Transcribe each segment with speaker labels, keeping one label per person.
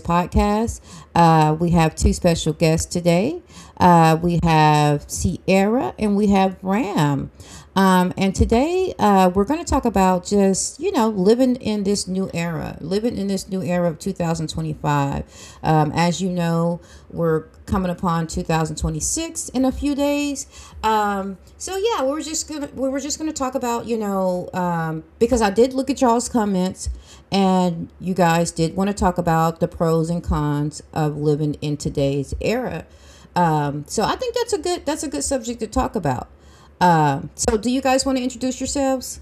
Speaker 1: podcast. We have two special guests today. We have Sierra and we have Ram. And today we're going to talk about just, living in this new era, living in this new era of 2025. As you know, we're coming up upon 2026 in a few days. So yeah, we were just gonna talk about because I did look at y'all's comments and you guys did want to talk about the pros and cons of living in today's era. So I think that's a good subject to talk about. So do you guys want to introduce yourselves,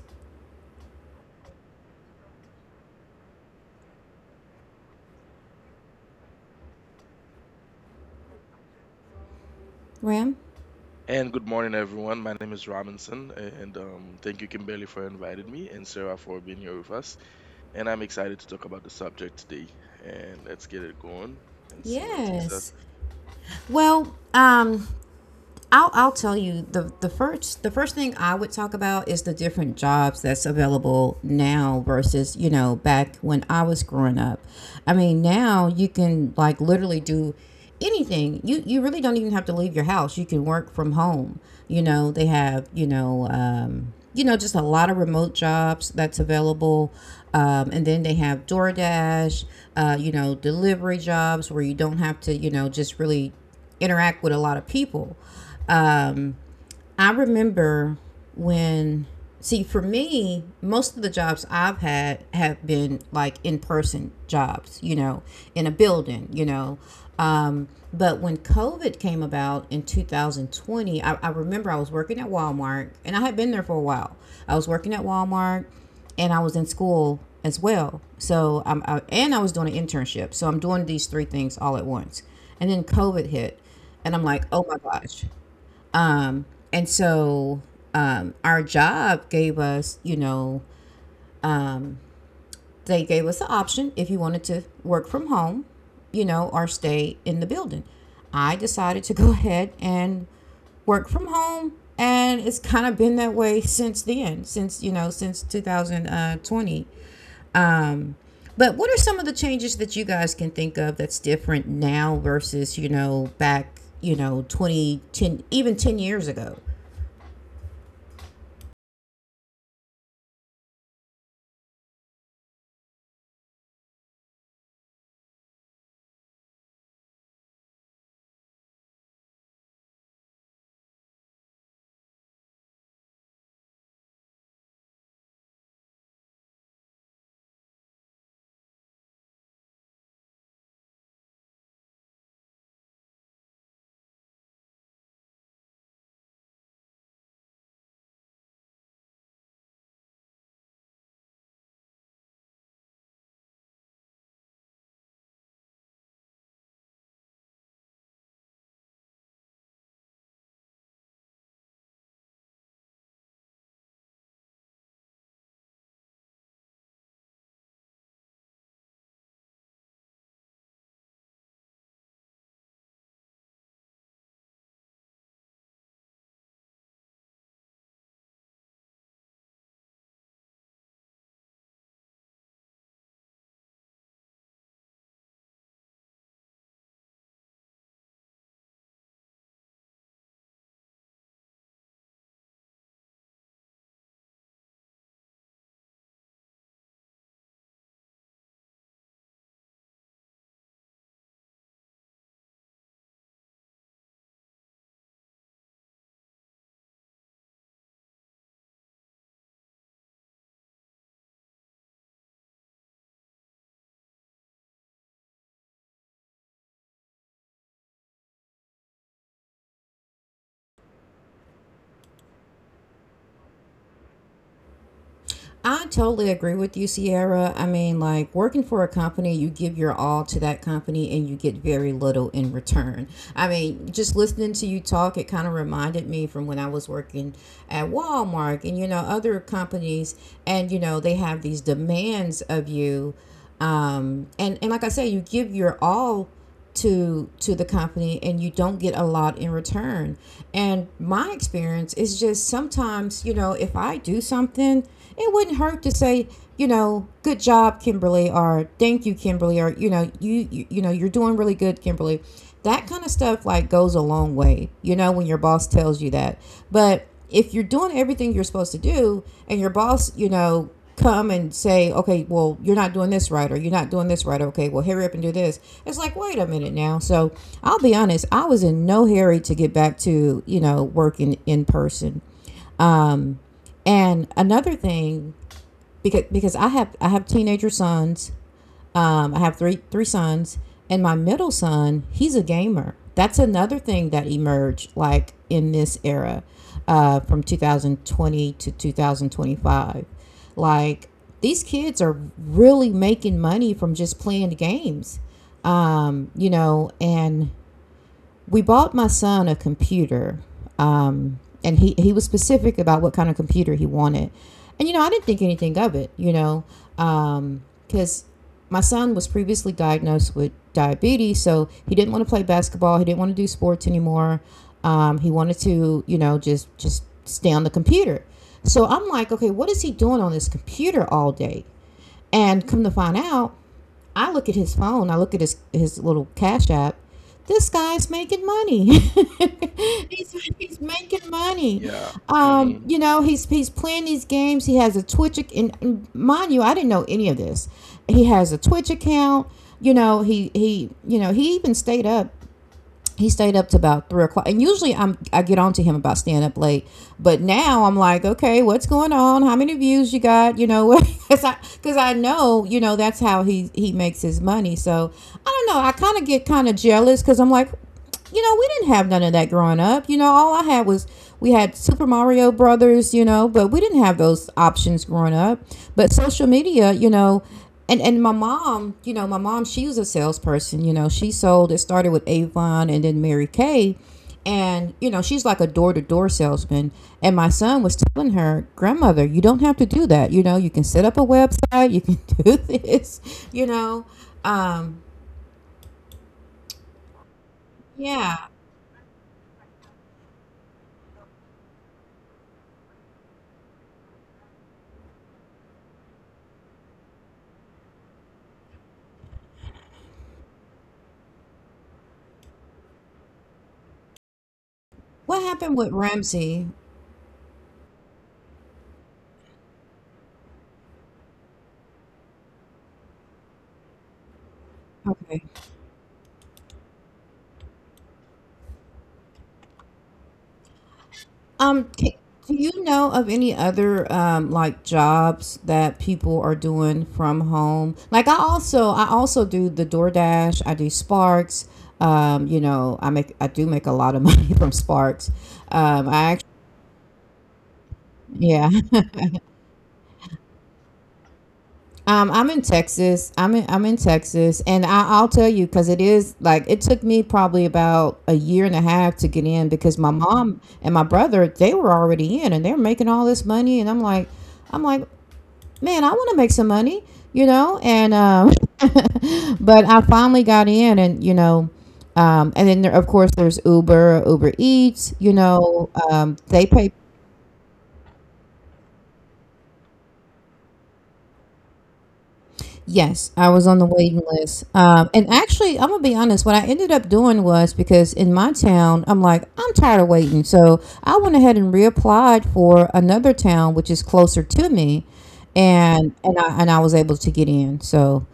Speaker 1: Ram?
Speaker 2: And good morning, everyone. My name is Robinson, and thank you, Kimberly, for inviting me and Sarah for being here with us. And I'm excited to talk about the subject today. And let's get it going and see where it takes us.
Speaker 1: Yes. Well, I'll tell you the first thing I would talk about is the different jobs that's available now versus, you know, back when I was growing up. I mean, now you can like literally do anything. You really don't even have to leave your house. You can work from home. You know they have. Just a lot of remote jobs that's available. And then they have DoorDash, delivery jobs where you don't have to, just really interact with a lot of people. Um, I remember when, see, for me, most of the jobs I've had have been like in person jobs, you know, in a building. But when COVID came about in 2020, I remember I was working at Walmart and I had been there for a while. I was working at Walmart and I was in school as well. So, and I was doing an internship. So I'm doing these three things all at once. And then COVID hit, and I'm like, oh my gosh. Um, And so um, our job gave us, they gave us the option if you wanted to work from home, or stay in the building. I decided to go ahead and work from home. And it's kind of been that way since then, since 2020. Um, but what are some of the changes that you guys can think of that's different now versus, back, 2010, even 10 years ago? I totally agree with you, Sierra. I mean, like working for a company, you give your all to that company and you get very little in return. I mean, just listening to you talk, it kind of reminded me from when I was working at Walmart and, other companies, and, they have these demands of you. And like I say, you give your all to the company and you don't get a lot in return. And my experience is, just sometimes, if I do something, it wouldn't hurt to say, good job, Kimberly, or thank you, Kimberly, or you know you you, you know you're doing really good, Kimberly. That kind of stuff like goes a long way, when your boss tells you that. But if you're doing everything you're supposed to do and your boss, come and say, okay, well, you're not doing this right, okay, well, hurry up and do this. It's like, wait a minute now. So I'll be honest, I was in no hurry to get back to, working in person. Um and another thing, because I have teenager sons. I have three sons, and my middle son, he's a gamer. That's another thing that emerged like in this era, from 2020 to 2025. Like, these kids are really making money from just playing games. And we bought my son a computer, and he was specific about what kind of computer he wanted, and I didn't think anything of it, because my son was previously diagnosed with diabetes, so he didn't want to play basketball, he didn't want to do sports anymore. He wanted to just stay on the computer. So I'm like, okay, what is he doing on this computer all day? And come to find out, I look at his phone, I look at his little Cash App. This guy's making money. He's making money.
Speaker 2: Yeah.
Speaker 1: Um,
Speaker 2: Mm-hmm.
Speaker 1: you know, he's he's playing these games. He has a Twitch, and mind you, I didn't know any of this. He has a Twitch account. You know, he even stayed up to about 3 o'clock. And usually, I get on to him about staying up late, but now I'm like, okay, what's going on? How many views you got, you know what? Because 'cause I know, you know, that's how he makes his money. So I don't know, I kind of get kind of jealous because I'm like, you know, we didn't have none of that growing up. You know, all I had was, we had Super Mario Brothers, you know. But we didn't have those options growing up. But social media, you know. And my mom, she was a salesperson. You know, she sold. It started with Avon and then Mary Kay, and, you know, she's like a door to door salesman. And my son was telling her, grandmother, you don't have to do that. You know, you can set up a website. You can do this. You know, um, yeah. What happened with Ramsey? Okay. Um, ca- do you know of any other like jobs that people are doing from home? Like, I also do the DoorDash, I do Sparks. I do make a lot of money from Sparks. I actually, yeah. I'm in Texas. I'm in Texas, and I'll tell you, because it is like it took me probably about a year and a half to get in, because my mom and my brother, they were already in and they're making all this money. And I'm like, man, I want to make some money, you know? And, but I finally got in. And then there, of course, there's Uber, Uber Eats, they pay. Yes, I was on the waiting list. And actually, I'm gonna be honest. What I ended up doing was, because in my town, I'm like, I'm tired of waiting. So I went ahead and reapplied for another town, which is closer to me, and I was able to get in. So,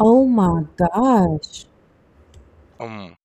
Speaker 1: oh my gosh,
Speaker 2: Um,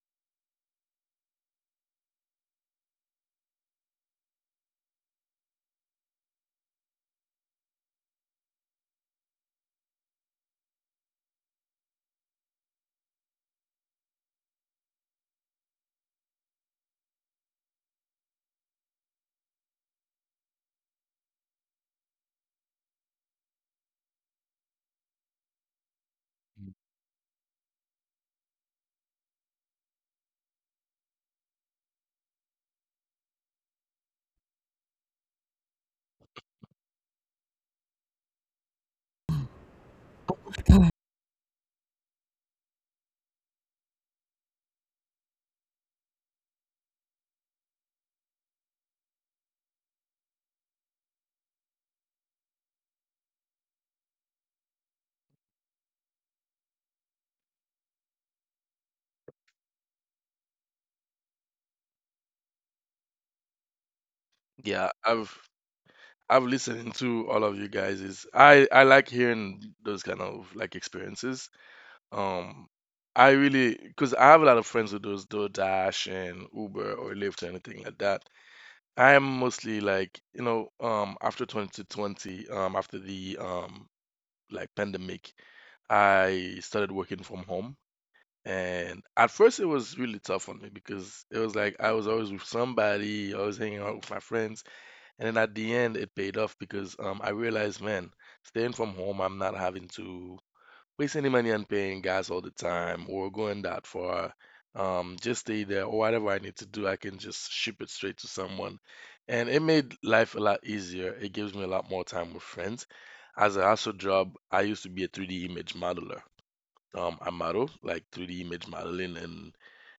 Speaker 2: yeah, I've listened to all of you guys. Is I like hearing those kind of like experiences. Um, I really because I have a lot of friends who does DoorDash and Uber or Lyft or anything like that. I'm mostly like, after 2020, after the like pandemic, I started working from home. And at first, it was really tough on me because it was like I was always with somebody, always hanging out with my friends. And then at the end, it paid off because I realized, man, staying from home, I'm not having to waste any money on paying gas all the time or going that far. Just stay there or whatever I need to do, I can just ship it straight to someone. And it made life a lot easier. It gives me a lot more time with friends. As a hustle job, I used to be a 3D image modeler. I model like 3D image modeling, and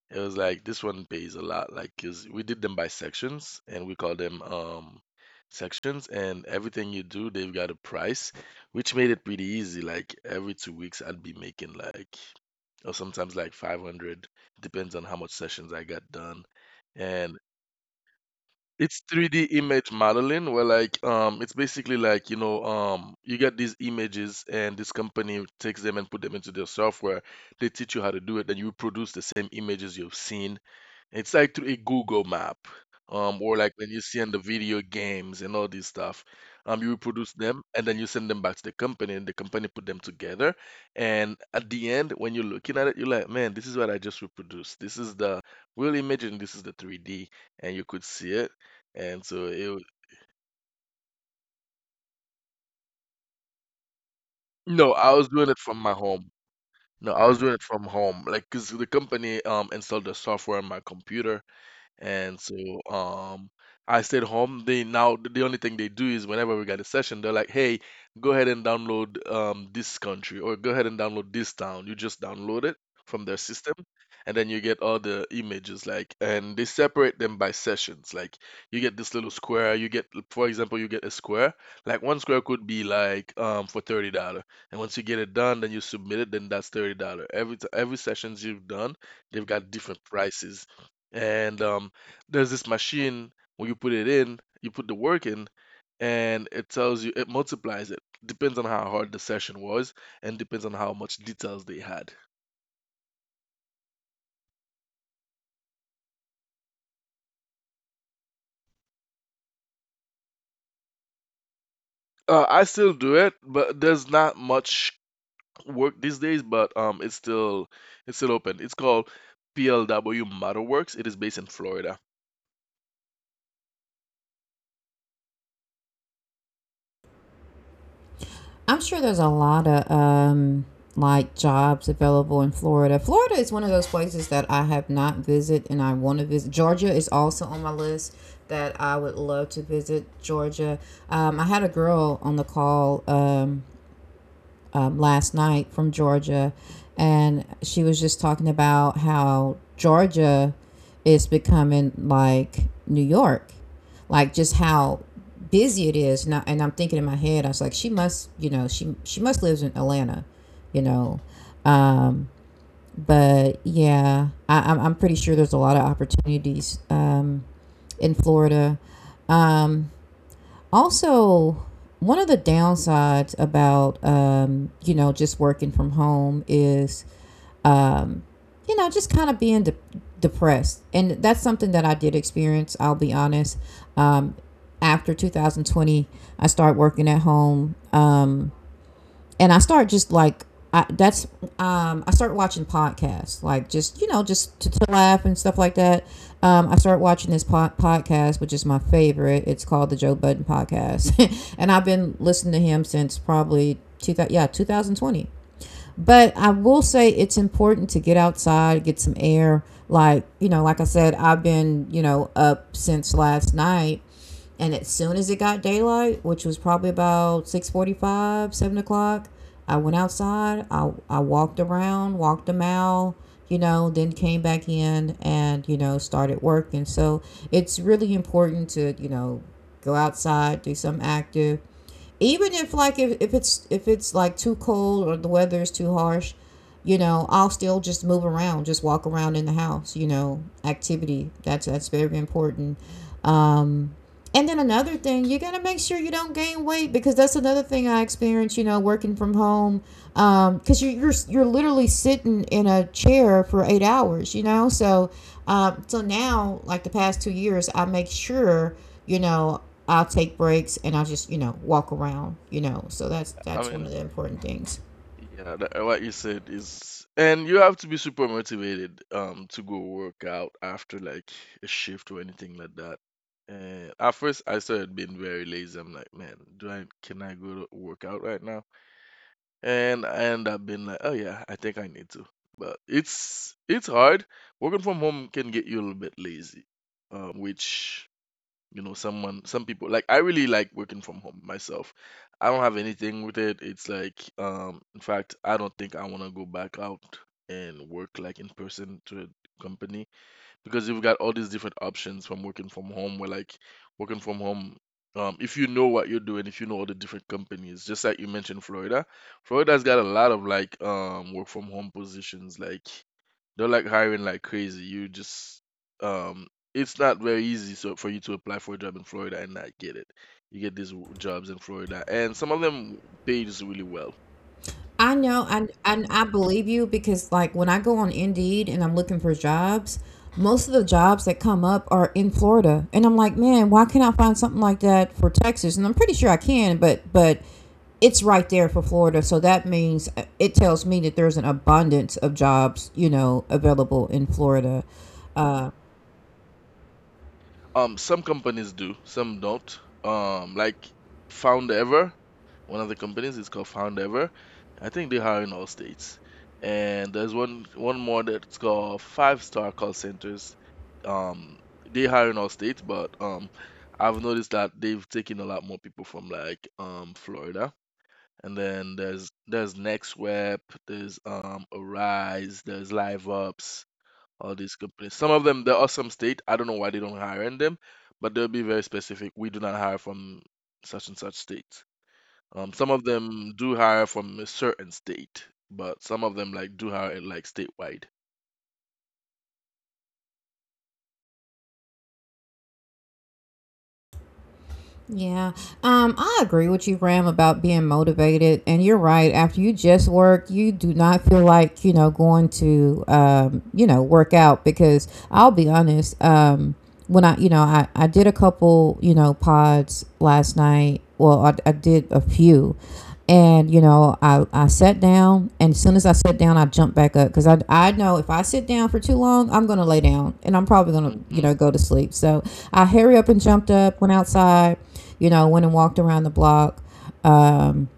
Speaker 2: it was like this one pays a lot, like 'cause we did them by sections and we call them sections, and everything you do, they've got a price, which made it pretty easy. Like every 2 weeks I'd be making like or sometimes like 500, depends on how much sessions I got done. And it's 3D image modeling where like it's basically like, you get these images and this company takes them and put them into their software. They teach you how to do it, then you produce the same images you've seen. It's like through a Google map, or like when you see in the video games and all this stuff. You reproduce them and then you send them back to the company, and the company put them together. And at the end, when you're looking at it, you're like, man, this is what I just reproduced. This is the real image, and this is the 3D, and you could see it. And so it was no, I was doing it from my home. No, I was doing it from home. Like, 'cause the company installed the software on my computer. And so, um, I stayed home. They now the only thing they do is whenever we got a session, they're like, "Hey, go ahead and download this country, or go ahead and download this town." You just download it from their system, and then you get all the images. Like, and they separate them by sessions. Like, you get this little square. You get, for example, you get a square. Like one square could be like, for $30, and once you get it done, then you submit it. Then that's $30. Every sessions you've done, they've got different prices, and there's this machine when you put it in, you put the work in, and it tells you it multiplies it. Depends on how hard the session was, and depends on how much details they had. I still do it, but there's not much work these days. But it's still open. It's called PLW ModderWorks. It is based in Florida.
Speaker 1: I'm sure there's a lot of like jobs available in Florida. Florida is one of those places that I have not visited and I want to visit. Georgia is also on my list that I would love to visit. Georgia. I had a girl on the call, last night, from Georgia, and she was just talking about how Georgia is becoming like New York, like just how busy it is now. And I'm thinking in my head, I was like, she must, you know, she must lives in Atlanta, you know. Um, but yeah, I'm pretty sure there's a lot of opportunities in Florida. Um, also, one of the downsides about just working from home is um, just kind of being depressed, and that's something that I did experience. I'll be honest. Um, after 2020, I started working at home. And I start just I, that's I start watching podcasts like, just just to laugh and stuff like that. I start watching this podcast, which is my favorite. It's called the Joe Budden Podcast, and I've been listening to him since probably two thousand yeah, 2020. But I will say it's important to get outside, get some air. Like, you know, like I said, I've been, you know, up since last night. And as soon as it got daylight, which was probably about 6:45, 7 o'clock, I went outside. I walked around, walked a mile, then came back in and, started working. So it's really important to, you know, go outside, do something active even if if it's like too cold or the weather is too harsh. You know, I'll still just move around, just walk around in the house, you know. Activity, that's very important. um and then another thing, you got to make sure you don't gain weight because that's another thing I experienced, you know, working from home. Because you're literally sitting in a chair for 8 hours, you know. So now, like the past 2 years, I make sure, you know, I'll take breaks and I'll just, you know, walk around, you know. So that's
Speaker 2: I
Speaker 1: that's one
Speaker 2: mean,
Speaker 1: of the important things.
Speaker 2: yeah, that, what you said is, and you have to be super motivated to go work out after like a shift or anything like that. And at first, I started being very lazy. I'm like, man, do I can I go to work out right now? And I end up being like, oh yeah, I think I need to. But it's hard. Working from home can get you a little bit lazy, which, some people like, I really like working from home myself. I don't have anything with it. It's like, in fact, I don't think I want to go back out and work like in person to a company, because you've got all these different options from working from home, where like working from home, if you know what you're doing, if you know all the different companies, just like you mentioned Florida. Florida's got a lot of like work from home positions, like they're like hiring like crazy. You just um it's not very easy so for you to apply for a job in Florida and not get it. You get these jobs in Florida, and some of them pays really well.
Speaker 1: I know, and I believe you, because like when I go on Indeed and I'm looking for jobs, most of the jobs that come up are in Florida, and I'm like, man, why can't I find something like that for Texas? And I'm pretty sure I can, but it's right there for Florida, so that means it tells me that there's an abundance of jobs, you know, available in Florida. Uh,
Speaker 2: Some companies do, some don't. Like Foundever, one of the companies is called Foundever. I think they hire in all states. And there's one more that's called Five Star Call Centers. Um, they hire in all states, but I've noticed that they've taken a lot more people from like Florida. And then there's NextWeb, there's Arise, there's LiveUps, all these companies. Some of them, there are some state. I don't know why they don't hire in them, but they'll be very specific. We do not hire from such and such states. Some of them do hire from a certain state, but some of them like do hire like statewide.
Speaker 1: Yeah. I agree with you, Ram, about being motivated. And you're right. After you just work, you do not feel like, you know, going to, you know, work out. Because I'll be honest. When I did a couple, you know, pods last night. Well, I did a few. And you know, I sat down, and as soon as I sat down, I jumped back up because I know if I sit down for too long, I'm gonna lay down and I'm probably gonna,
Speaker 2: Hmm.
Speaker 1: you know, go to sleep. So I hurry up and jumped up, went outside, you know, went and walked around the block. Um,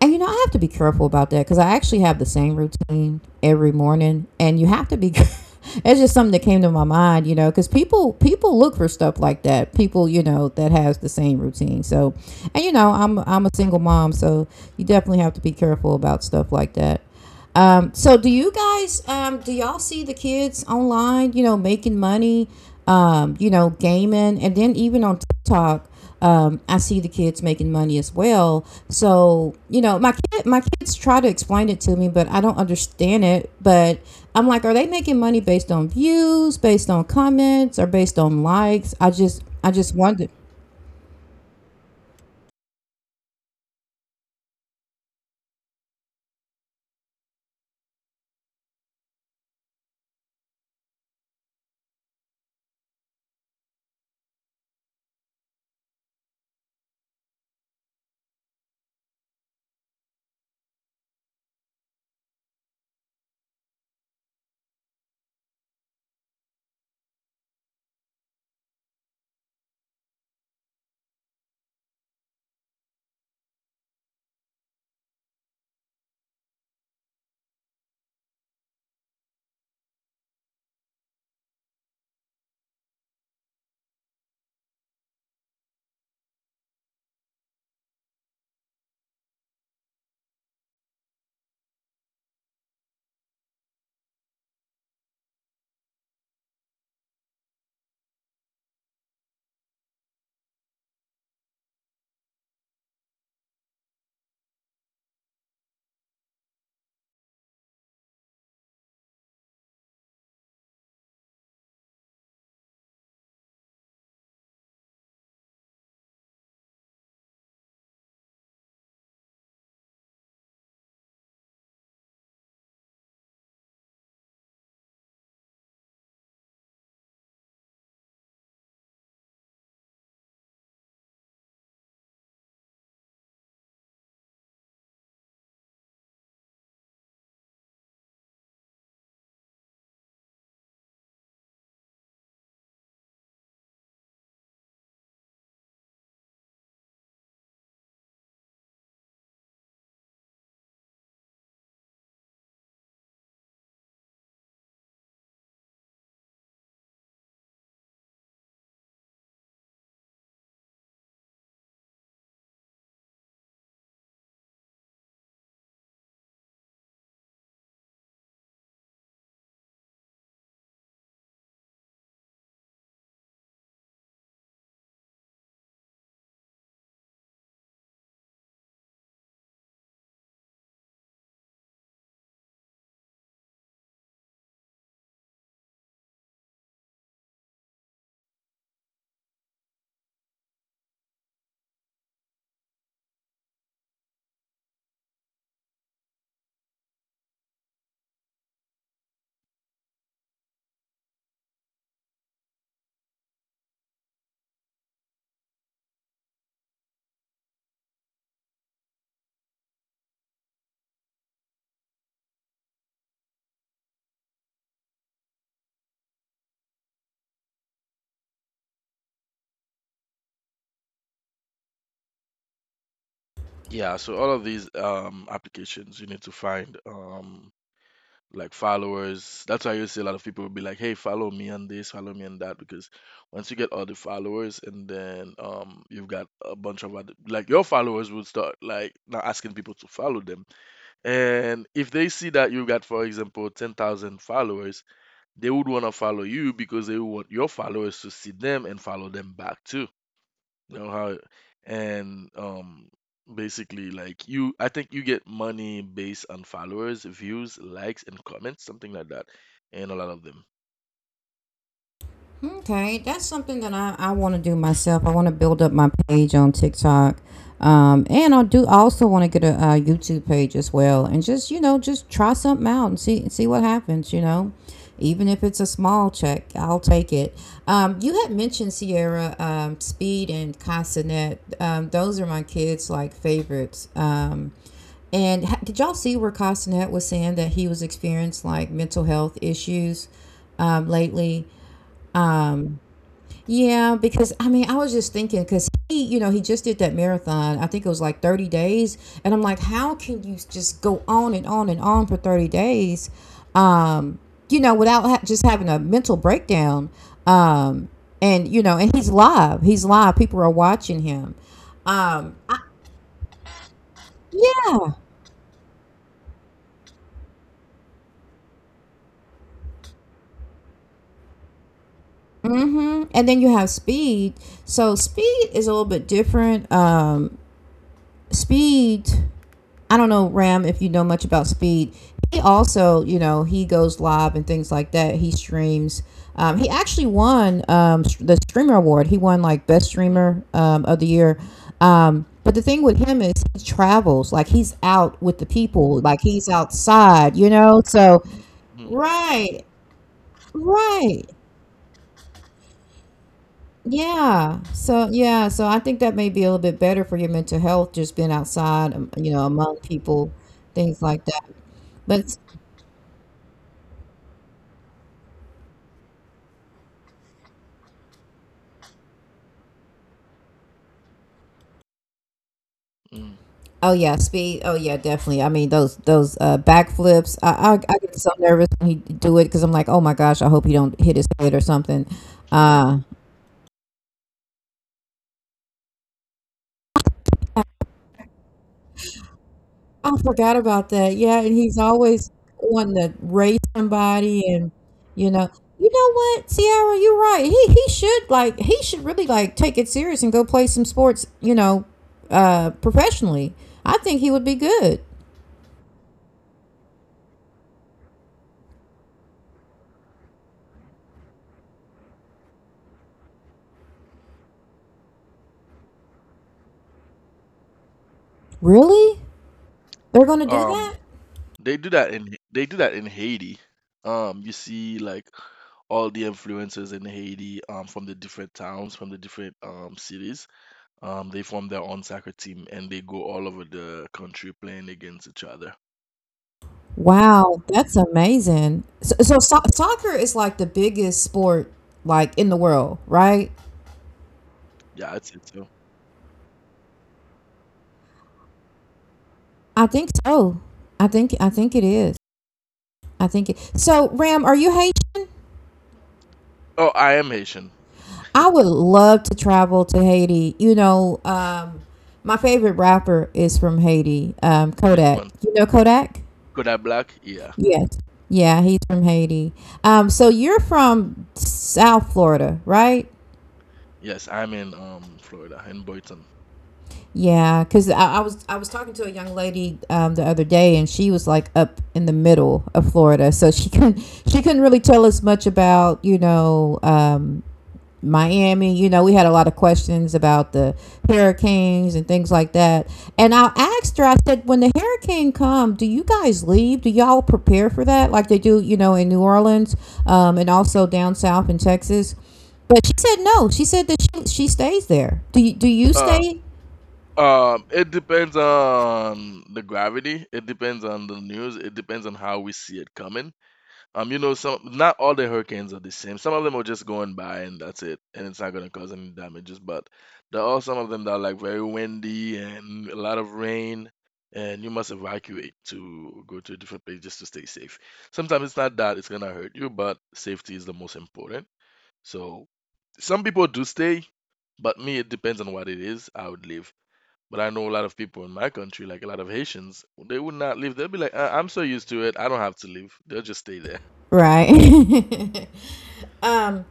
Speaker 1: and you know, I have to be careful about that because I actually have the same routine every morning, and you have to be. It's just something that came to my mind, you know, because people look for stuff like that. People, you know, that has the same routine. So, and you know, I'm a single mom, so you definitely have to be careful about stuff like that. So do you guys, do y'all see the kids online, you know, making money? You know, gaming, and then even on TikTok, I see the kids making money as well. So you know, my kids try to explain it to me, but I don't understand it. But I'm like, are they making money based on views, based on comments, or based on likes? I just wonder.
Speaker 2: Yeah. So all of these applications, you need to find like followers. That's why you see a lot of people will be like, "Hey, follow me on this, follow me on that," because once you get all the followers, and then, you've got a bunch of other like your followers would start like not asking people to follow them, and if they see that you got, for example, 10,000 followers, they would want to follow you because they would want your followers to see them and follow them back too. You know how, and basically like, you I think you get money based on followers, views, likes and comments, something like that. And a lot of them.
Speaker 1: Okay, that's something that I want to do myself. I want to build up my page on TikTok. And I do also want to get YouTube page as well, and just you know, just try something out and see what happens. You know, even if it's a small check, I'll take it. You had mentioned Sierra, Speed, and Casanet. Those are my kids' like favorites. And did y'all see where Castanet was saying that he was experienced like mental health issues, lately? Yeah, because I mean, I was just thinking because he, you know, he just did that marathon. I think it was like 30 days, and I'm like, how can you just go on and on and on for 30 days, um, you know, without ha- just having a mental breakdown? Um, and you know, and he's live. He's live. People are watching him. Um, I- yeah. Mm-hmm. And then you have Speed. So Speed is a little bit different. Speed, I don't know, Ram, if you know much about Speed. He also, you know, he goes live and things like that. He streams. He actually won, the streamer award. He won like best
Speaker 2: Mm,
Speaker 1: streamer, of the year. But the thing with him is he travels. Like he's out with the people. Like he's outside. You know, so
Speaker 2: mm, mm,
Speaker 1: right, right. Yeah. So, yeah. So I think that may be a little bit better for your mental health, just being outside, you know, among people, things like that. But
Speaker 2: mm,
Speaker 1: oh yeah, Speed. Oh yeah, definitely. I mean those backflips. I get so nervous when he do it because I'm like, oh my gosh, I hope he don't hit his head or something.
Speaker 2: mhm.
Speaker 1: Uh, I forgot about that. Yeah, and he's always wanting to race somebody, and you know, you know what, Sierra, you're right. He should, like he should really like take it serious and go play some sports. You know, professionally. I think he would be good. Really? They're gonna do
Speaker 2: Um
Speaker 1: that?
Speaker 2: they do that in Haiti. You see like all the influencers in Haiti from the different towns, from the different cities. They form their own soccer team and they go all over the country playing against each other.
Speaker 1: Wow, that's amazing. So, soccer is like the biggest sport like in the world, right?
Speaker 2: Yeah, that's it.
Speaker 1: I think so. I think it is. I think it. So, Ram, are you Haitian?
Speaker 2: Oh, I am Haitian.
Speaker 1: I would love to travel to Haiti. You know, my favorite rapper is from Haiti,
Speaker 2: Which
Speaker 1: Kodak.
Speaker 2: one?
Speaker 1: You know Kodak?
Speaker 2: Kodak Black? Yeah.
Speaker 1: Yes. Yeah, he's from Haiti. So you're from South Florida, right?
Speaker 2: Yes, I'm in Florida, in Boynton.
Speaker 1: Yeah, because I was talking to a young lady, the other day, and she was like up in the middle of Florida, so she couldn't really tell us much about, you know, Miami. You know, we had a lot of questions about the hurricanes and things like that. And I asked her, I said, when the hurricane come, do you guys leave? Do y'all prepare for that like they do, you know, in New Orleans, and also down south in Texas? But she said no. She said that she stays there. Do you,
Speaker 2: Uh,
Speaker 1: stay
Speaker 2: it depends on the gravity. It depends on the news. It depends on how we see it coming. You know, some Not all the hurricanes are the same. Some of them are just going by and that's it, and it's not gonna cause any damages. But there are some of them that are like very windy and a lot of rain, and you must evacuate to go to a different place just to stay safe. Sometimes it's not that it's gonna hurt you, but safety is the most important. So some people do stay, but me, it depends on what it is. I would leave. But I know a lot of people in my country, like a lot of Haitians, they would not leave. They'll be like, I'm so used to it. I don't have to leave. They'll just stay there.
Speaker 1: right. um,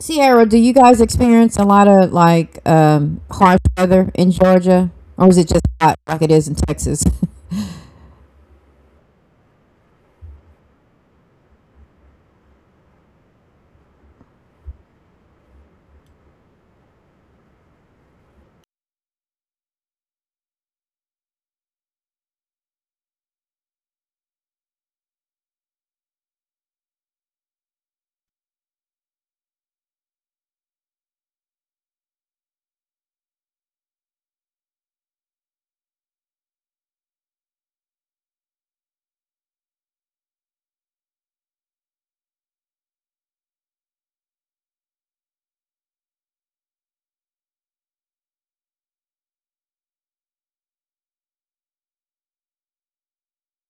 Speaker 1: Sierra, do you guys experience a lot of like, harsh weather in Georgia? Or is it just hot like it is in Texas?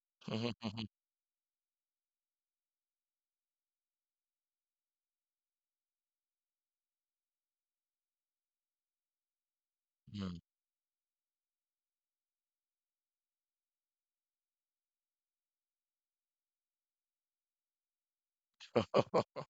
Speaker 2: Mhm, mhm, mhm.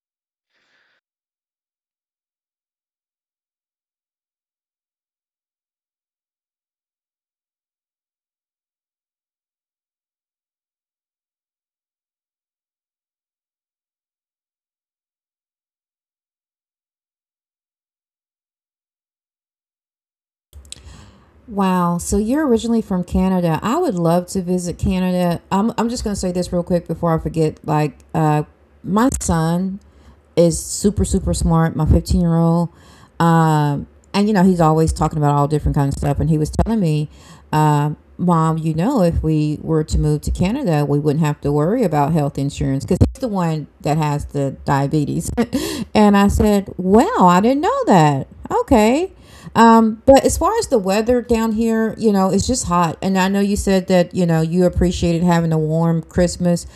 Speaker 2: Mhm.
Speaker 1: Wow. So you're originally from Canada. I would love to visit Canada. I'm just going to say this real quick before I forget. Like, my son is super smart. My 15-year-old, um, and you know he's always talking about all different kinds of stuff. And he was telling me, uh, Mom, you know if we were to move to Canada, we wouldn't have to worry about health insurance because he's the one that has the diabetes. And I said, well, I didn't know that. Okay. But as far as the weather down here, you know, it's just hot. And I know you said that, you know, you appreciated having a warm Christmas.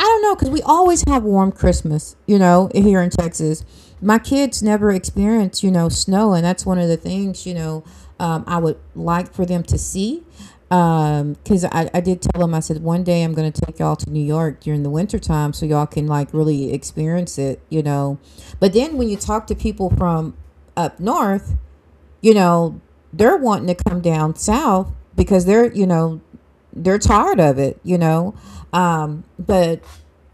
Speaker 1: I don't know because we always have warm Christmas, you know, here in Texas. My kids never experience, you know, snow, and that's one of the things, you know, I would like for them to see. Because I did tell them, I said, one day I'm going to take y'all to New York during the winter time so y'all can like
Speaker 2: Mhm.
Speaker 1: really experience it, you know. But then when you talk to people from up north, you know, they're wanting to come down south because they're, you know, they're tired of it, you know. But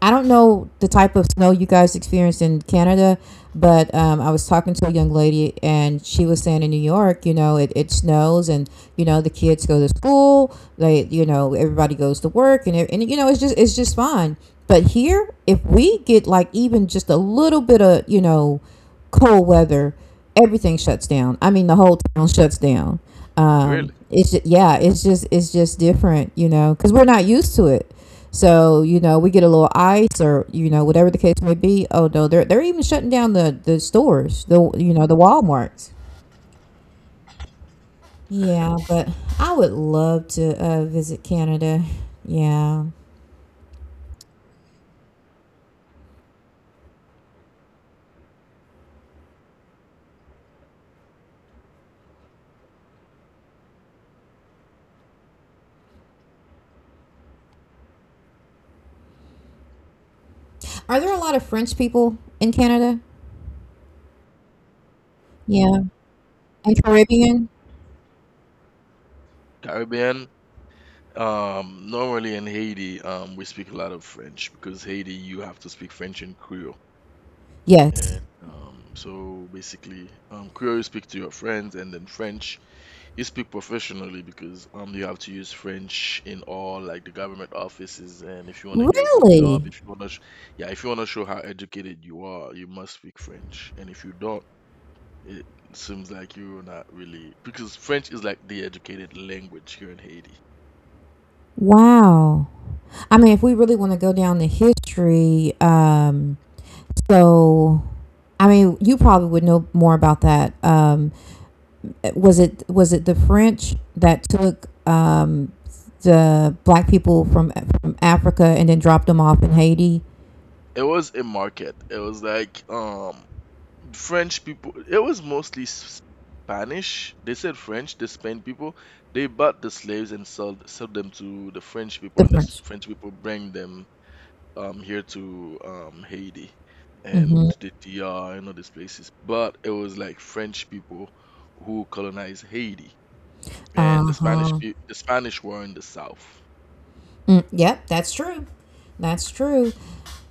Speaker 1: I don't know the type of snow you guys experienced in Canada, but I was talking to a young lady and she was saying in New York, you know, it snows and, you know, the kids go to school, you know, everybody goes to work and, you know, it's just fine. But here, if we get like even just a little bit of, you know, cold weather, everything shuts down. I mean, the whole town shuts down.
Speaker 2: Really?
Speaker 1: Yeah, it's just different, you know, cause we're not used to it. So you know, we get a little ice or you know whatever the case may be. Oh no, they're even shutting down the stores, the you know the WalMarts. Yeah, but I would love to, visit Canada. Yeah, are there a lot of French people in Canada? Yeah, and Caribbean.
Speaker 2: Caribbean? Normally in Haiti, we speak a lot of French, because Haiti, you have to speak French and Creole.
Speaker 1: Yes,
Speaker 2: And so basically, Creole you speak to your friends, and then French, you speak professionally, because you have to use French in all like the government offices, and if you want to get a good
Speaker 1: really.
Speaker 2: job, if you want to yeah, if you want to show how educated you are, you must speak French. And if you don't, it seems like you're not really, because French is like the educated language here in Haiti.
Speaker 1: Wow. I mean, if we really want to go down the history, so I mean, you probably would know more about that. Was it the French that took, the black people from Africa and then dropped them off in Haiti?
Speaker 2: It was a market. It was like French people, it was mostly Spanish. They said French, the Spain people, they bought the slaves and sold them to the French people,
Speaker 1: The
Speaker 2: and the
Speaker 1: French.
Speaker 2: French people bring them here to Haiti and
Speaker 1: Mm-hmm.
Speaker 2: the DR and other places, but it was like French people who colonized Haiti, and
Speaker 1: Uh
Speaker 2: the Spanish
Speaker 1: huh.
Speaker 2: peo- the Spanish were in the south.
Speaker 1: Mm, yep, that's true. That's true.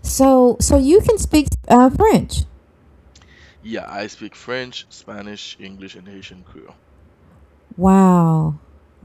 Speaker 1: So you can speak, French.
Speaker 2: Yeah, I speak French, Spanish, English, and Haitian Creole.
Speaker 1: Wow.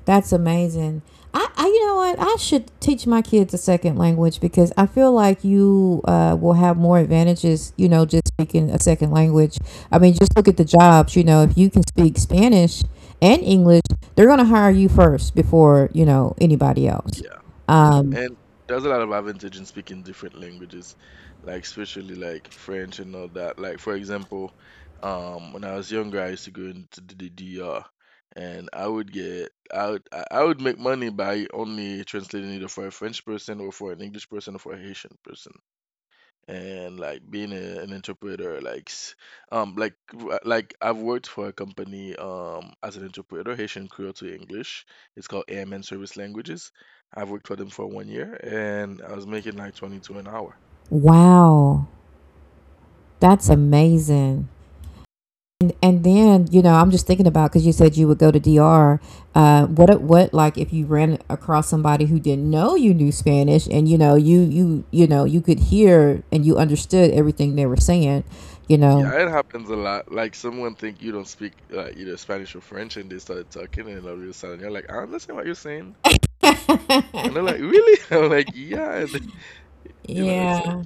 Speaker 1: That's amazing. I You know what? I should teach my kids a second language because I feel like you, will have more advantages, you know, just speaking a second language. I mean, just look at the jobs, you know, if you can speak Spanish and English, they're going to hire you first before, you know, anybody else.
Speaker 2: Yeah, yeah,
Speaker 1: Um,
Speaker 2: and there's a lot of advantage in speaking different languages, like especially like French and all that. Like for example, when I was younger, I used to go into the DR, and I would get I would make money by only translating either for a French person or for an English person or for a Haitian person, and like being an interpreter, like like I've worked for a company as an interpreter Haitian Creole to English. It's called AMN Service Languages. I've worked for them for one year, and I was making like 22 an hour.
Speaker 1: wow. That's amazing. And then I'm just thinking about, because you said you would go to dr what like if you ran across somebody who didn't know you knew Spanish, and you could hear and you understood everything they were saying, you know
Speaker 2: Yeah, it happens a lot. Like, someone think you don't speak like either Spanish or French, and they started talking, and they'll real sudden, you're like, "I understand what you're saying," and they're like, "Really?" I'm like, "Yeah," it's like,
Speaker 1: yeah,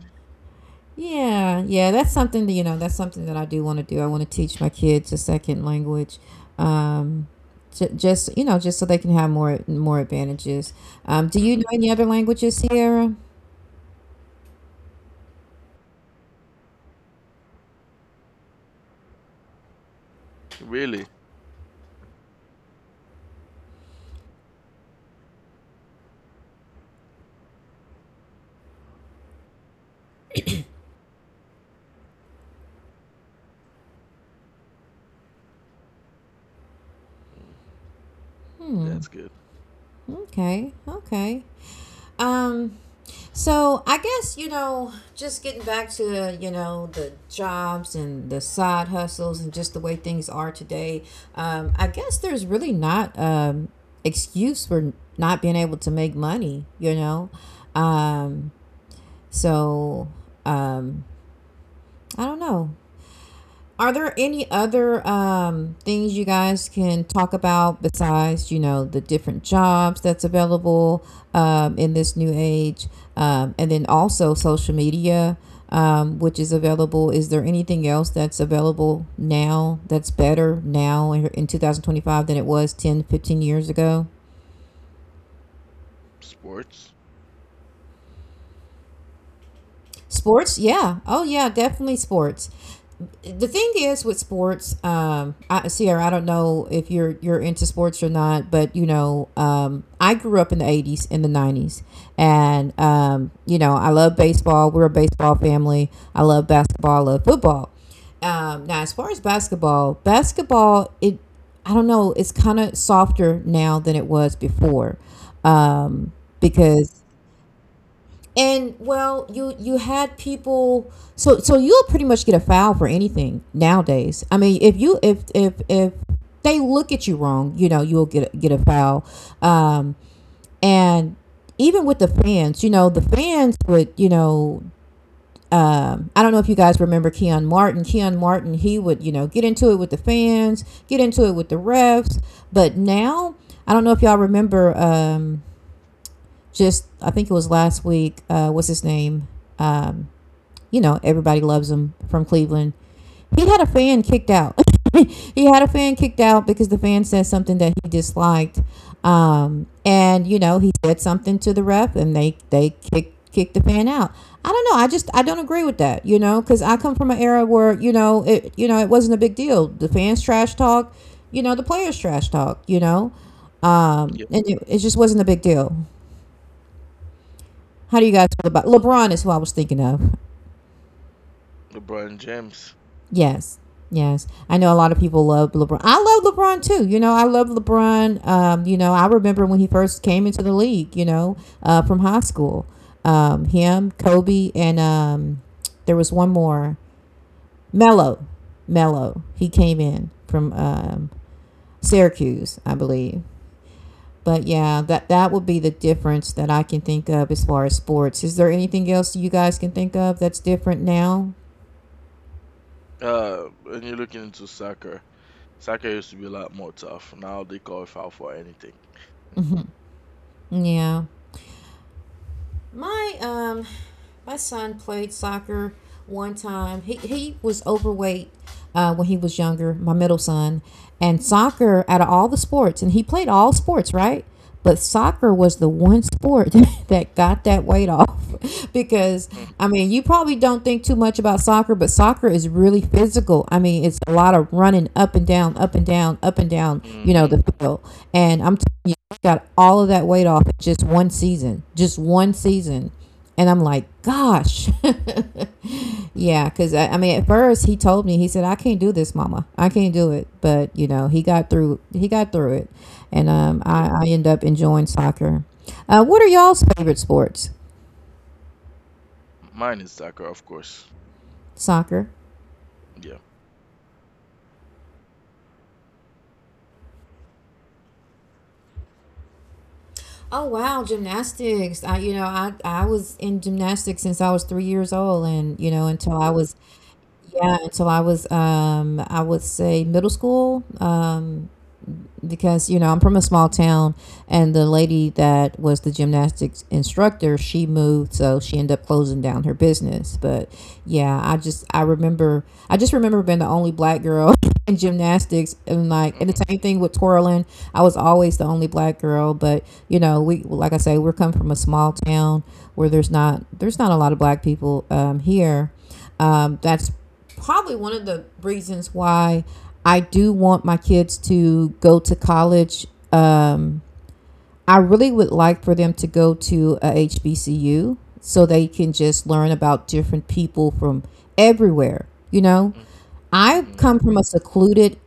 Speaker 1: yeah, yeah. That's something that, that's something that I do want to do. I want to teach my kids a second language, um j- just you know just so they can have more advantages. Do you know
Speaker 2: hmm
Speaker 1: any other languages, Sierra?
Speaker 2: really. Mm, that's good
Speaker 1: Okay. Okay. um So I guess, just getting back to, the jobs and the side hustles and just the way things are today, I guess there's really not excuse for not being able to make money, you know? Um, so um I don't know. Are there any other things you guys can talk about besides, the different jobs that's available in this new age, and then also social media, which is available? Is there anything else that's available now, that's better now in 2025 than it was 10, 15 years ago?
Speaker 2: sports.
Speaker 1: Sports, yeah. Oh, yeah, definitely sports. The thing is, with sports, Sierra, I don't know if you're into sports or not, but I grew up in the '80s in the '90s, and I love baseball. We're a baseball family. I love basketball. I love football. Now, as far as basketball, it I don't know, it's kind of softer now than it was before, um, because, and well, you had people, so you'll pretty much get a foul for anything nowadays. I mean, if they look at you wrong, you'll get a foul. Um and even with the fans, the fans would, I don't know if you guys remember Keon Martin. Keon Martin, he would, get into it with the fans, get into it with the refs. But now, I don't know if y'all remember just, I think it was last week. What's his name? Um, everybody loves him from Cleveland. He had a fan kicked out. He had a fan kicked out because the fan said something that he disliked. And he said something to the ref, and they kicked the fan out. I don't know, I don't agree with that. Because I come from an era where it you know it wasn't a big deal. The fans trash talk. You know, the players trash talk. You know. Um,
Speaker 2: Yeah.
Speaker 1: and it just wasn't a big deal. How do you guys feel about LeBron? Is who I was thinking of.
Speaker 2: LeBron James.
Speaker 1: Yes, yes. I know a lot of people love LeBron. I love LeBron too. I love LeBron. I remember when he first came into the league, from high school. Him, Kobe, and there was one more. Melo, Melo. He came in from Syracuse, I believe. But yeah, that would be the difference that I can think of as far as sports. Is there anything else you guys can think of that's different now?
Speaker 2: When you're looking into soccer, Soccer used to be a lot more tough. Now they call foul for anything.
Speaker 1: Mm-hmm. Yeah. My son played soccer one time. He was overweight when he was younger, my middle son. And soccer, out of all the sports, and he played all sports, right? But soccer was the one sport that got that weight off because
Speaker 2: Hmm,
Speaker 1: I mean, you probably don't think too much about soccer, but soccer is really physical. I mean, it's a lot of running up and down, up and down, up and down,
Speaker 2: mm-hmm.
Speaker 1: the field. And I'm telling, got all of that weight off in just one season, just one season. And I'm like, gosh. Yeah, because I mean, at first he told me, he said, "I can't do this, Mama. I can't do it." But, he got through, it. And I,
Speaker 2: Yeah,
Speaker 1: I end up enjoying soccer. What are y'all's favorite sports?
Speaker 2: mine is soccer, of course.
Speaker 1: Soccer.
Speaker 2: Yeah.
Speaker 1: Oh wow, gymnastics. I was in gymnastics since I was 3 years old, and until I was yeah, until I was, I would say, middle school, because, I'm from a small town, and the lady that was the gymnastics instructor, she moved, so she ended up closing down her business. But yeah, I just remember being the only black girl in gymnastics, and like and
Speaker 2: Mm-hmm.
Speaker 1: the same thing with twirling. I was always the only black girl, but we, like I say, we're come from a small town where there's not a lot of black people here. That's probably one of the reasons why I do want my kids to go to college. I really would like for them to go to a HBCU so they can just learn about different people from everywhere. you know I
Speaker 2: Mm-hmm.
Speaker 1: come from a secluded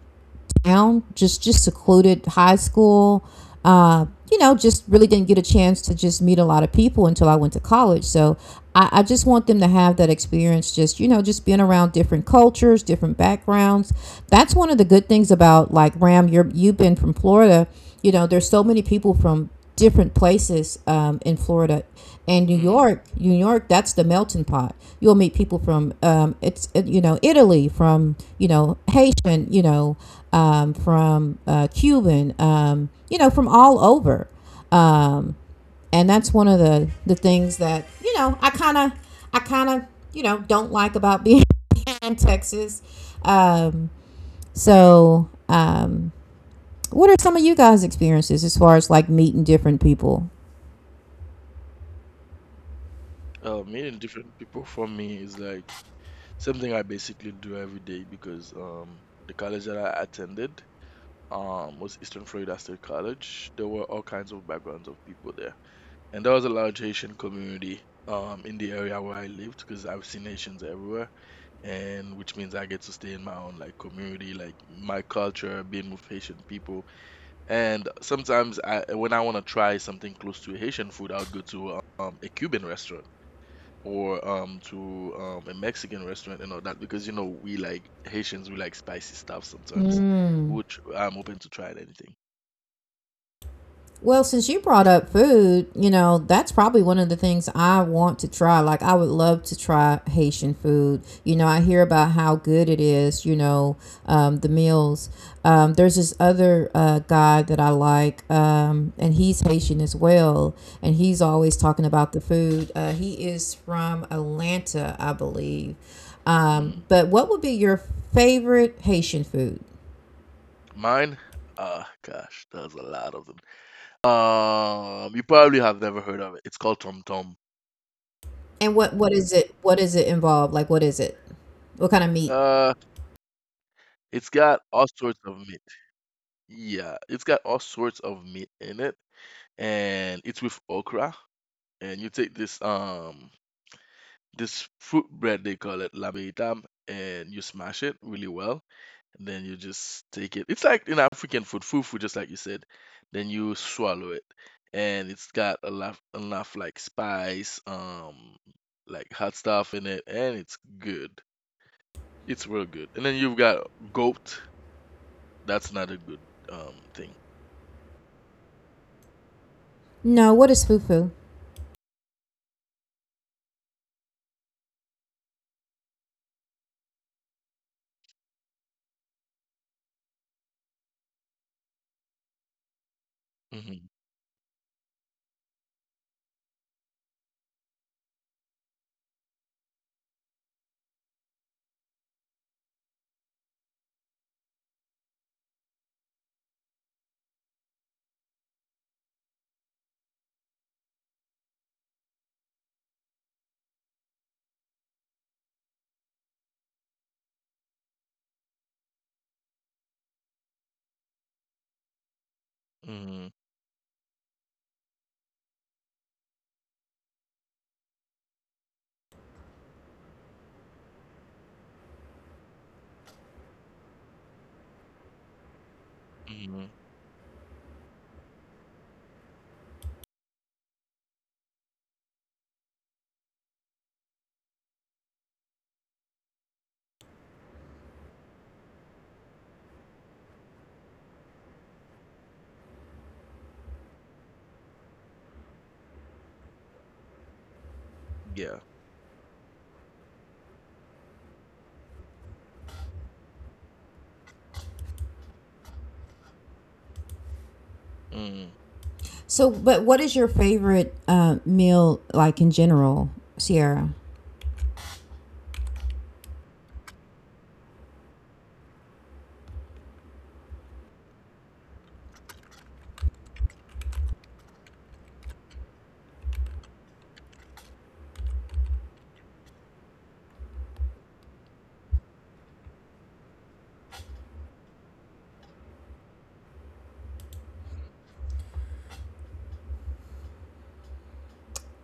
Speaker 1: town, just secluded high school. Uh, just really didn't get a chance to just meet a lot of people until I went to college. So I just want them to have that experience, just being around different cultures, different backgrounds. That's one of the good things about, like, Ram. You've been from Florida. There's so many people from different places in Florida. And New
Speaker 2: Mm-hmm.
Speaker 1: York, New York, that's the melting pot. You'll meet people from, it's you know Italy, from, Haitian, from, Cuban, from all over, um, and that's one of the things that, I kind of don't like about being in Texas. Um, so what are some of you guys' experiences as far as, like, meeting different people?
Speaker 2: Meeting different people, for me, is like something I basically do every day, because the college that I attended was Eastern Florida State College. There were all kinds of backgrounds of people there, and there was a large Haitian community in the area where I lived, because I've seen Haitians everywhere, and which means I get to stay in my own like community, like my culture, being with Haitian people. And sometimes I when I want to try something close to Haitian food, I would go to a Cuban restaurant, or to a Mexican restaurant and all that, because you know, we like Haitians, we like spicy stuff sometimes,
Speaker 1: Mm.
Speaker 2: which I'm open to trying anything.
Speaker 1: Well, since you brought up food, that's probably one of the things I want to try. Like, I would love to try Haitian food. I hear about how good it is, the meals. There's this other guy that I like, and he's Haitian as well. And he's always talking about the food. He is from Atlanta, I believe. Um,
Speaker 2: Mm.
Speaker 1: but what would be your favorite Haitian food?
Speaker 2: Mine, ah, gosh, there's a lot of them. You probably have never heard of it. It's called Tom Tom.
Speaker 1: And what is it? What does it involve? Like, what is it? What kind of meat?
Speaker 2: Uh, it's got all sorts of meat. Yeah, it's got all sorts of meat in it, and it's with okra. And you take this fruit bread, they call it lamb veitam, and you smash it really well. And then you just take it. It's like in African food, fufu, just like you said. Then you swallow it, and it's got a lot enough like spice, like hot stuff in it, and it's good. It's real good. And then you've got goat. That's not a good thing.
Speaker 1: No, what is fufu?
Speaker 2: Mhm, mhm, mhm. Yeah. Mm,
Speaker 1: So, but what is your favorite meal, like, in general, Sierra?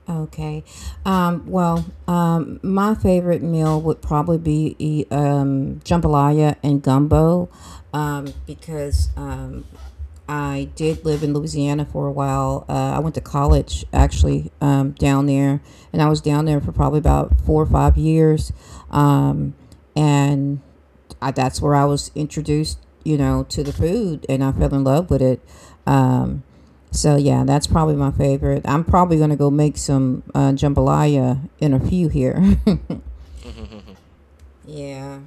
Speaker 1: Okay. Well, my favorite meal would probably be jambalaya and gumbo, because I did live in Louisiana for a while. I went to college, actually, down there, and I was down there for probably about 4 or 5 years. Um, and that's where I was introduced, to the food, and I fell in love with it. Um, so yeah, that's probably my favorite. I'm probably gonna go make some jambalaya in a few here.
Speaker 2: mhm, mhm,
Speaker 1: Yeah.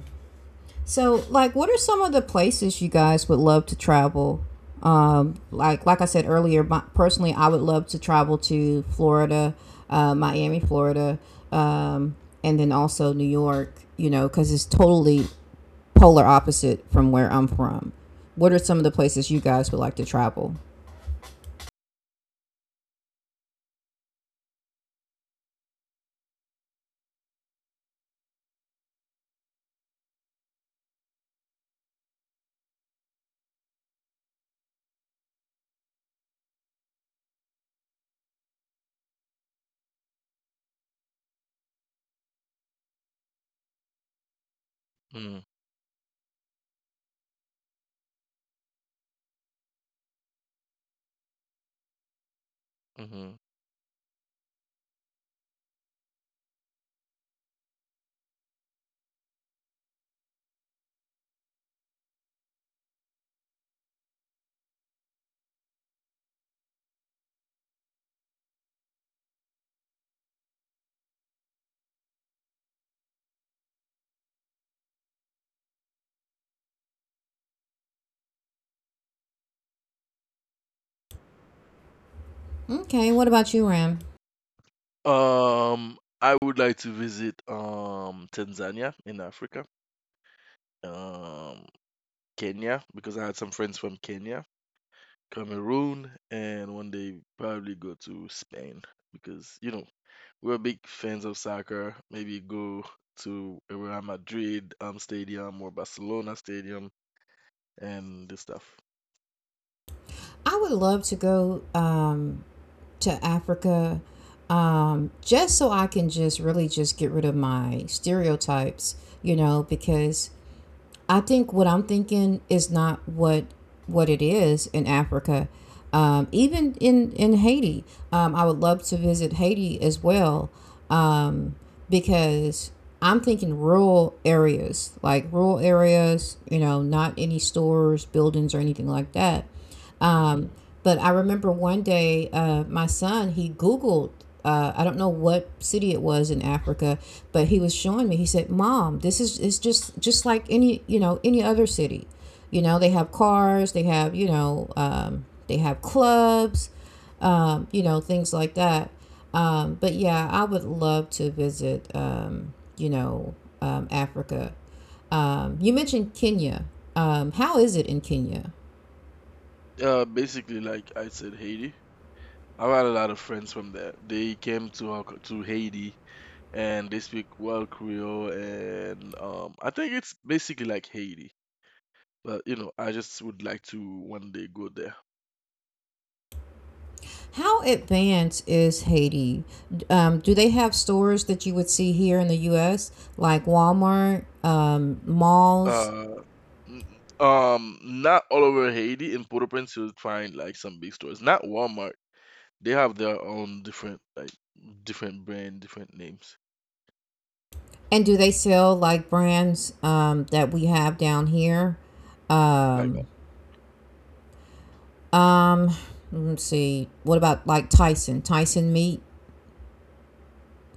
Speaker 1: So, like, what are some of the places you guys would love to travel? Like I said earlier, my, personally, I would love to travel to Florida, Miami, Florida, um, and then also New York. Because it's totally polar opposite from where I'm from. What are some of the places you guys would like to travel?
Speaker 2: mhm, mhm.
Speaker 1: Okay, what about you, Ram?
Speaker 2: I would like to visit Tanzania in Africa, um Kenya, because I had some friends from Kenya, Cameroon, and one day probably go to Spain, because you know, we're big fans of soccer. Maybe go to Real Madrid stadium or Barcelona stadium and this stuff.
Speaker 1: I would love to go to Africa, just so I can just really just get rid of my stereotypes, because I think what I'm thinking is not what it is in Africa. Even in Haiti, I would love to visit Haiti as well, um, because I'm thinking rural areas, like rural areas. Not any stores, buildings, or anything like that. Um,
Speaker 2: hmm
Speaker 1: but I remember one day, my son, he Googled, I don't know what city it was in Africa, but he was showing me. He said, "Mom, this is it's just like any any other city. You know, they have cars, they have clubs, things like that. But yeah, I would love to visit, Africa. You mentioned Kenya. How is it in Kenya?
Speaker 2: Basically, like I said, Haiti. I've had a lot of friends from there. They came to to Haiti, and they speak well Creole, and I think it's basically like Haiti. But you know, I just would like to one day go there.
Speaker 1: How advanced is Haiti? Do they have stores that you would see here in the US, like Walmart, malls?
Speaker 2: Uh, Not all over Haiti. In Port-au-Prince, you'll find like some big stores. Not Walmart. They have their own different like different brand, different names.
Speaker 1: And do they sell, like, brands that we have down here?
Speaker 2: Like
Speaker 1: Um, um, let's see. What about, like, Tyson? Tyson meat?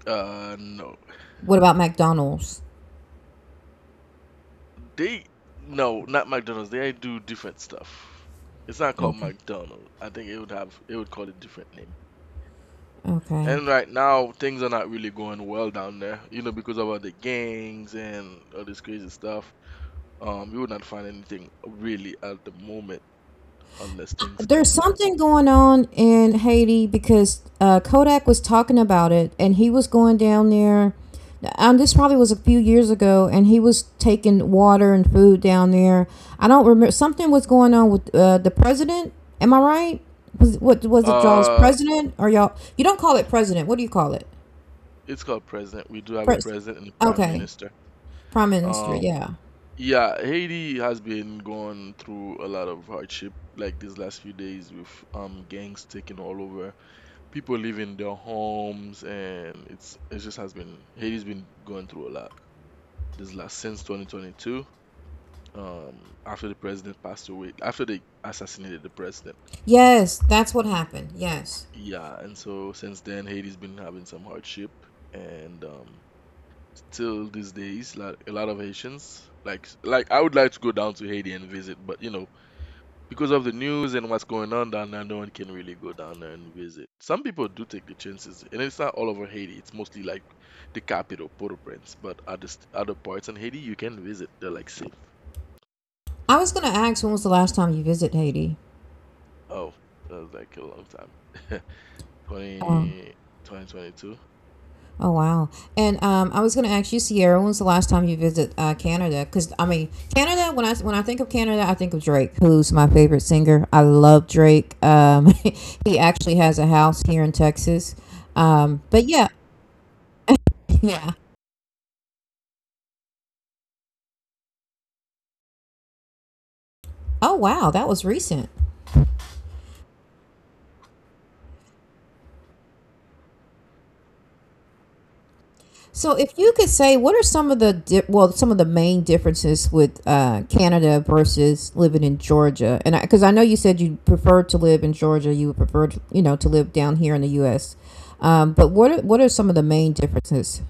Speaker 2: no,
Speaker 1: What about McDonald's?
Speaker 2: they, no, not McDonald's. They do different stuff. It's not called
Speaker 1: Okay.
Speaker 2: McDonald's. I think it would call it different name.
Speaker 1: Okay.
Speaker 2: And right now things are not really going well down there, because of all the gangs and all this crazy stuff. You would not find anything really at the moment unless things
Speaker 1: There's
Speaker 2: calm down.
Speaker 1: something going on in Haiti, because Kodak was talking about it, and he was going down there. This probably was a few years ago, and he was taking water and food down there. I don't remember. Something was going on with the president. Am I right? What was it, y'all's
Speaker 2: Uh,
Speaker 1: president or y'all? You don't call it president. What do you call it?
Speaker 2: it's called president. We do have a
Speaker 1: Pres.
Speaker 2: president and a prime
Speaker 1: Okay,
Speaker 2: minister.
Speaker 1: prime minister.
Speaker 2: Um,
Speaker 1: Yeah.
Speaker 2: Yeah, Haiti has been going through a lot of hardship, like these last few days, with gangs taking all over, people leaving their homes, and it's it just has been Haiti's been going through a lot this last since 2022, after the president passed away, after they assassinated the president.
Speaker 1: Yes, that's what happened. Yes.
Speaker 2: Yeah, and so since then Haiti's been having some hardship, and still these days, like, a lot of Haitians like, I would like to go down to Haiti and visit, but you know, because of the news and what's going on down there, no one can really go down there and visit. Some people do take the chances, and it's not all over Haiti. It's mostly like the capital, Port-au-Prince, but other parts in Haiti you can visit. They're like safe.
Speaker 1: I was gonna ask, when was the last time you visit Haiti?
Speaker 2: Oh, that was like a long time.
Speaker 1: Oh.
Speaker 2: twenty twenty twenty-two.
Speaker 1: Oh wow! And I was going to ask you, Sierra, when was the last time you visit Canada? Because I mean, Canada. When I think of Canada, I think of Drake, who's my favorite singer. I love Drake. He actually has a house here in Texas. But yeah, yeah. Oh wow, that was recent. So, if you could say, what are some of the some of the main differences with Canada versus living in Georgia? 'Cause I know you said you preferred to live in Georgia, you would prefer to, you know, to live down here in the U.S. But what are some of the main differences?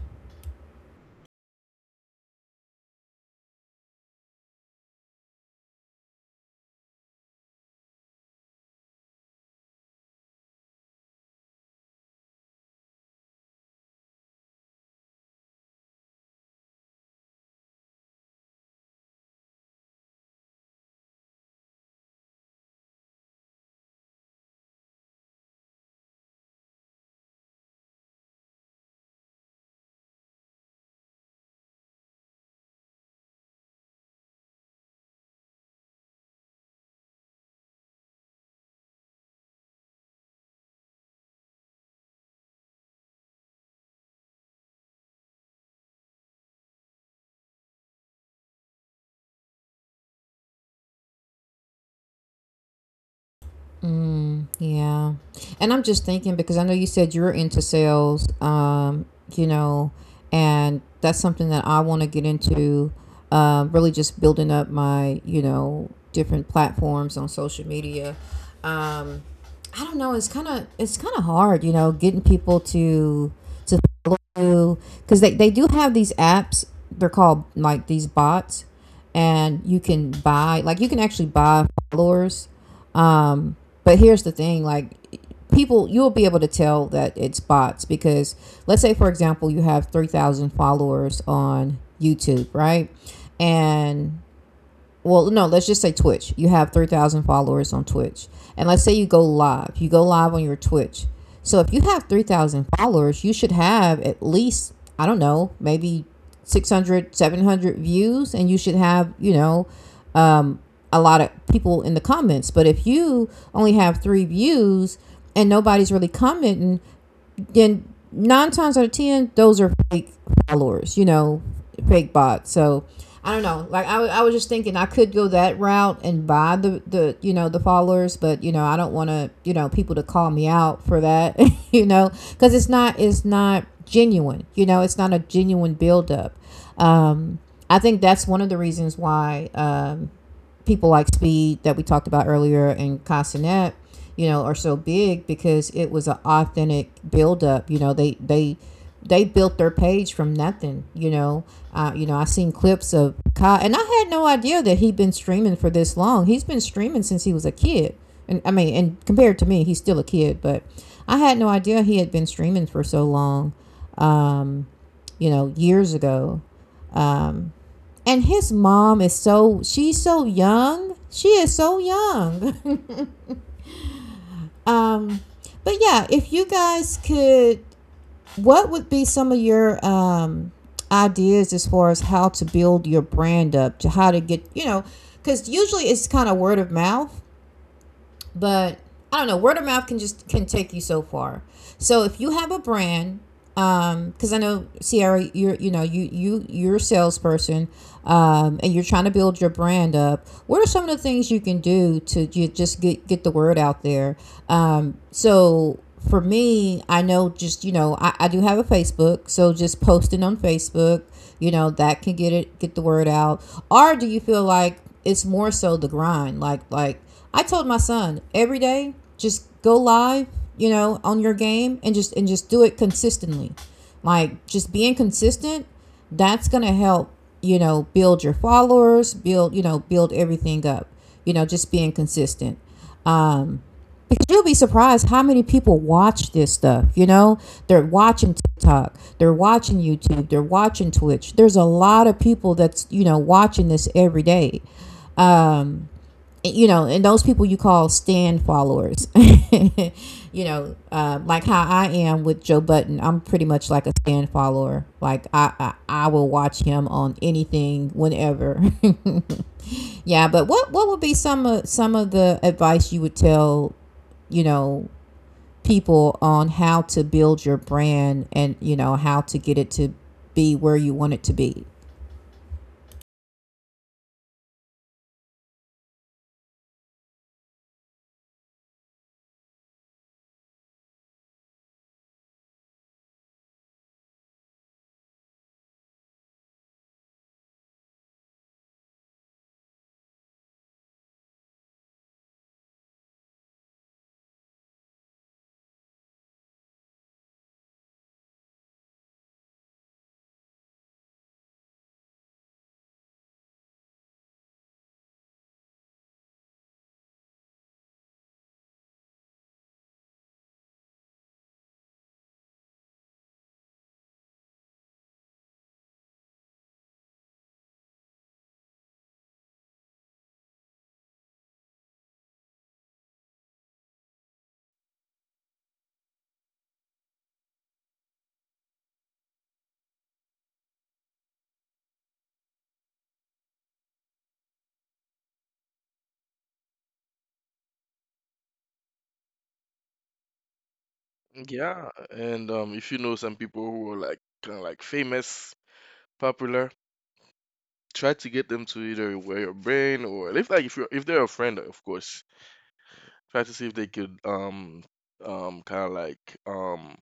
Speaker 1: Yeah. And I'm just thinking because I know you said you're into sales, you know, and that's something that I want to get into, really just building up my, you know, different platforms on social media. Um, I don't know, it's kind of hard, you know, getting people to to follow you because they do have these apps. They're called like these bots, and you can buy like, you can actually buy followers, um, but here's the thing. Like, people, you'll be able to tell that it's bots because let's say, for example, you have 3,000 followers on YouTube, right? And well, no, let's just say Twitch. You have 3,000 followers on Twitch. And let's say you go live. You go live on your Twitch. So if you have 3,000 followers, you should have at least, I don't know, maybe 600, 700 views. And you should have, you know, um, a lot of people in the comments. But if you only have three views and nobody's really commenting, and nine times out of ten, those are fake followers, you know, fake bots. So I don't know. Like, I was just thinking I could go that route and buy the you know the followers, but you know I don't want to, you know, people to call me out for that, you know, because it's not genuine. You know, it's not a genuine buildup. Um, I think that's one of the reasons why people like Speed that we talked about earlier and Cassinet, you know, are so big, because it was an authentic build up. You know, they built their page from nothing. You know, I seen clips of Kai, and I had no idea that he'd been streaming for this long. He's been streaming since he was a kid, and I mean, and compared to me, he's still a kid, but I had no idea he had been streaming for so long. Um, you know, years ago. Um, and his mom is, so she's so young. She is so young. um, but yeah, if you guys could, what would be some of your ideas as far as how to build your brand up, to how to get, you know, because usually it's kind of word of mouth, but I don't know. Word of mouth can just, can take you so far. So if you have a brand, because I know, Sierra, you're, you know, you're a salesperson, and you're trying to build your brand up. What are some of the things you can do to, you just get the word out there? So for me, I know just, you know, I do have a Facebook, so just posting on Facebook, you know, that can get the word out. Or do you feel like it's more so the grind, like I told my son, every day, just go live, you know, on your game, and just do it consistently. Like, just being consistent, that's gonna help, you know, build your followers, build, you know, build everything up. You know, just being consistent. Um, you'll be surprised how many people watch this stuff. You know, they're watching TikTok, they're watching YouTube, they're watching Twitch. There's a lot of people that's, you know, watching this every day. Um, you know, and those people you call stand followers. you know, like how I am with Joe Button, I'm pretty much like a stand follower. Like, I will watch him on anything, whenever. yeah, but what would be some of the advice you would tell, you know, people on how to build your brand, and you know, how to get it to be where you want it to be?
Speaker 2: Yeah, and if you know some people who are like kind of like famous, popular, try to get them to either wear your brain, or if like if they're a friend, of course, try to see if they could kind of like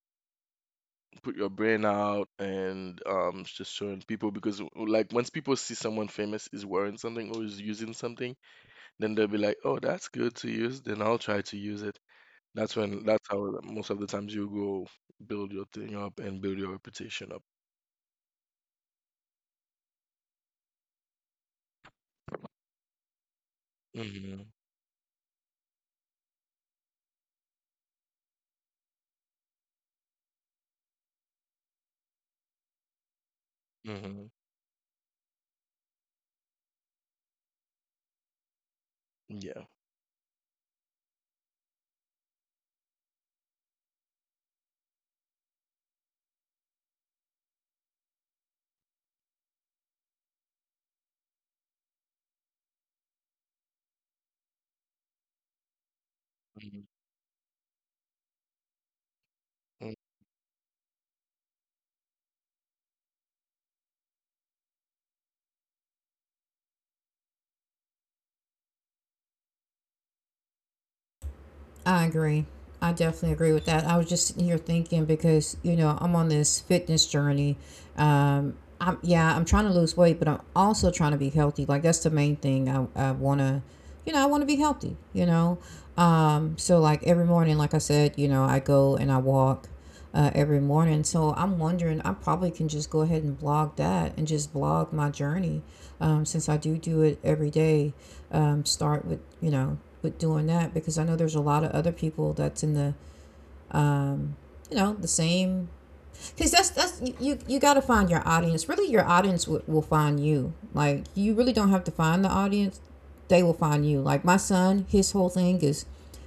Speaker 2: put your brain out and just showing people, because like, once people see someone famous is wearing something or is using something, then they'll be like, "Oh, that's good to use." Then I'll try to use it. That's how most of the times you go build your thing up and build your reputation up. Hmm, hmm. Yeah.
Speaker 1: I agree. I definitely agree with that. I was just sitting here thinking, because, you know, I'm on this fitness journey. Um, yeah, I'm trying to lose weight, but I'm also trying to be healthy. Like, that's the main thing. I want to, you know, I want to be healthy, you know? So, like, every morning, like I said, you know, I go and I walk every morning. So I'm wondering, I probably can just go ahead and blog that and just blog my journey, since I do do it every day. Start with, you know, with doing that, because I know there's a lot of other people that's in the, you know, the same. Because that's, got to find your audience. Really, your audience will find you. Like, you really don't have to find the audience, they will find you. Like, my son, his whole thing is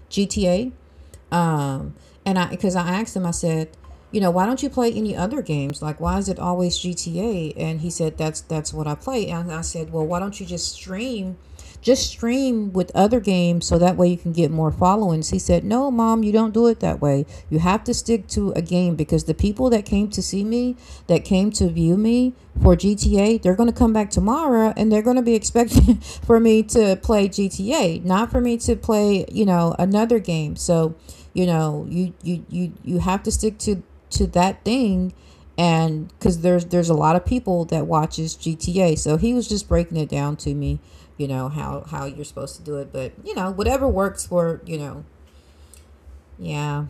Speaker 1: GTA, um, and because I asked him, I said, you know, why don't you play any other games? Like, why is it always GTA? And he said, that's what I play. And I said, well, why don't you just stream with other games, so that way you can get more followings? He said, no, Mom, you don't do it that way. You have to stick to a game, because the people that came to see me, that came to view me for GTA, okay, they're going to come back tomorrow, and they're going to be expecting for me to play GTA, not for me to play, you know, another game. So, you know, you have to stick to that thing, and cuz there's a lot of people that watches GTA. So, he was just breaking it down to me, you know,
Speaker 2: Mhm.
Speaker 1: how you're supposed to do it. But, you know, whatever works for, you know, yeah.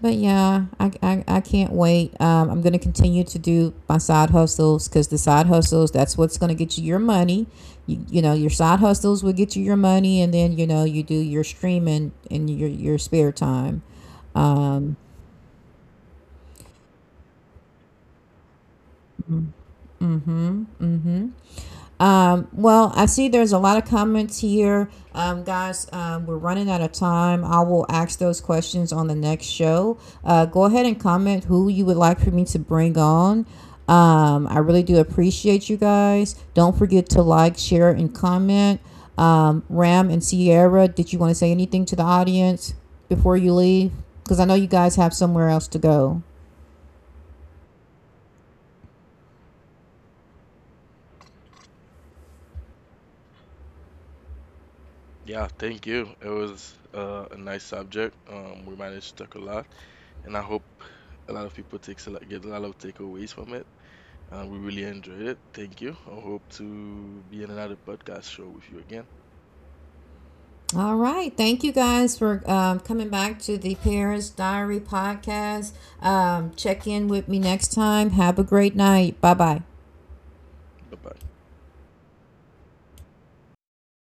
Speaker 1: But yeah, I can't wait. I'm going to continue to do my side hustles, because the side hustles, that's what's going to get you your money. You know, your side hustles will get you your money. And then, you know, you do your streaming in your spare time. Um, well, I see there's a lot of comments here. Guys, we're running out of time. I will ask those questions on the next show. Go ahead and comment who you would like for me to bring on. I really do appreciate you guys. Don't forget to like, share, and comment. Ram and Sierra, did you want to say anything to the audience before you leave? Because I know you guys have somewhere else to go.
Speaker 2: Yeah, thank you. It was a nice subject. We managed to talk a lot, and I hope a lot of people get a lot of takeaways from it. We really enjoyed it. Thank you. I hope to be in another podcast show with you again.
Speaker 1: All right. Thank you guys for coming back to the Paris Diary podcast. Check in with me next time. Have a great night. Bye bye.
Speaker 2: Bye bye.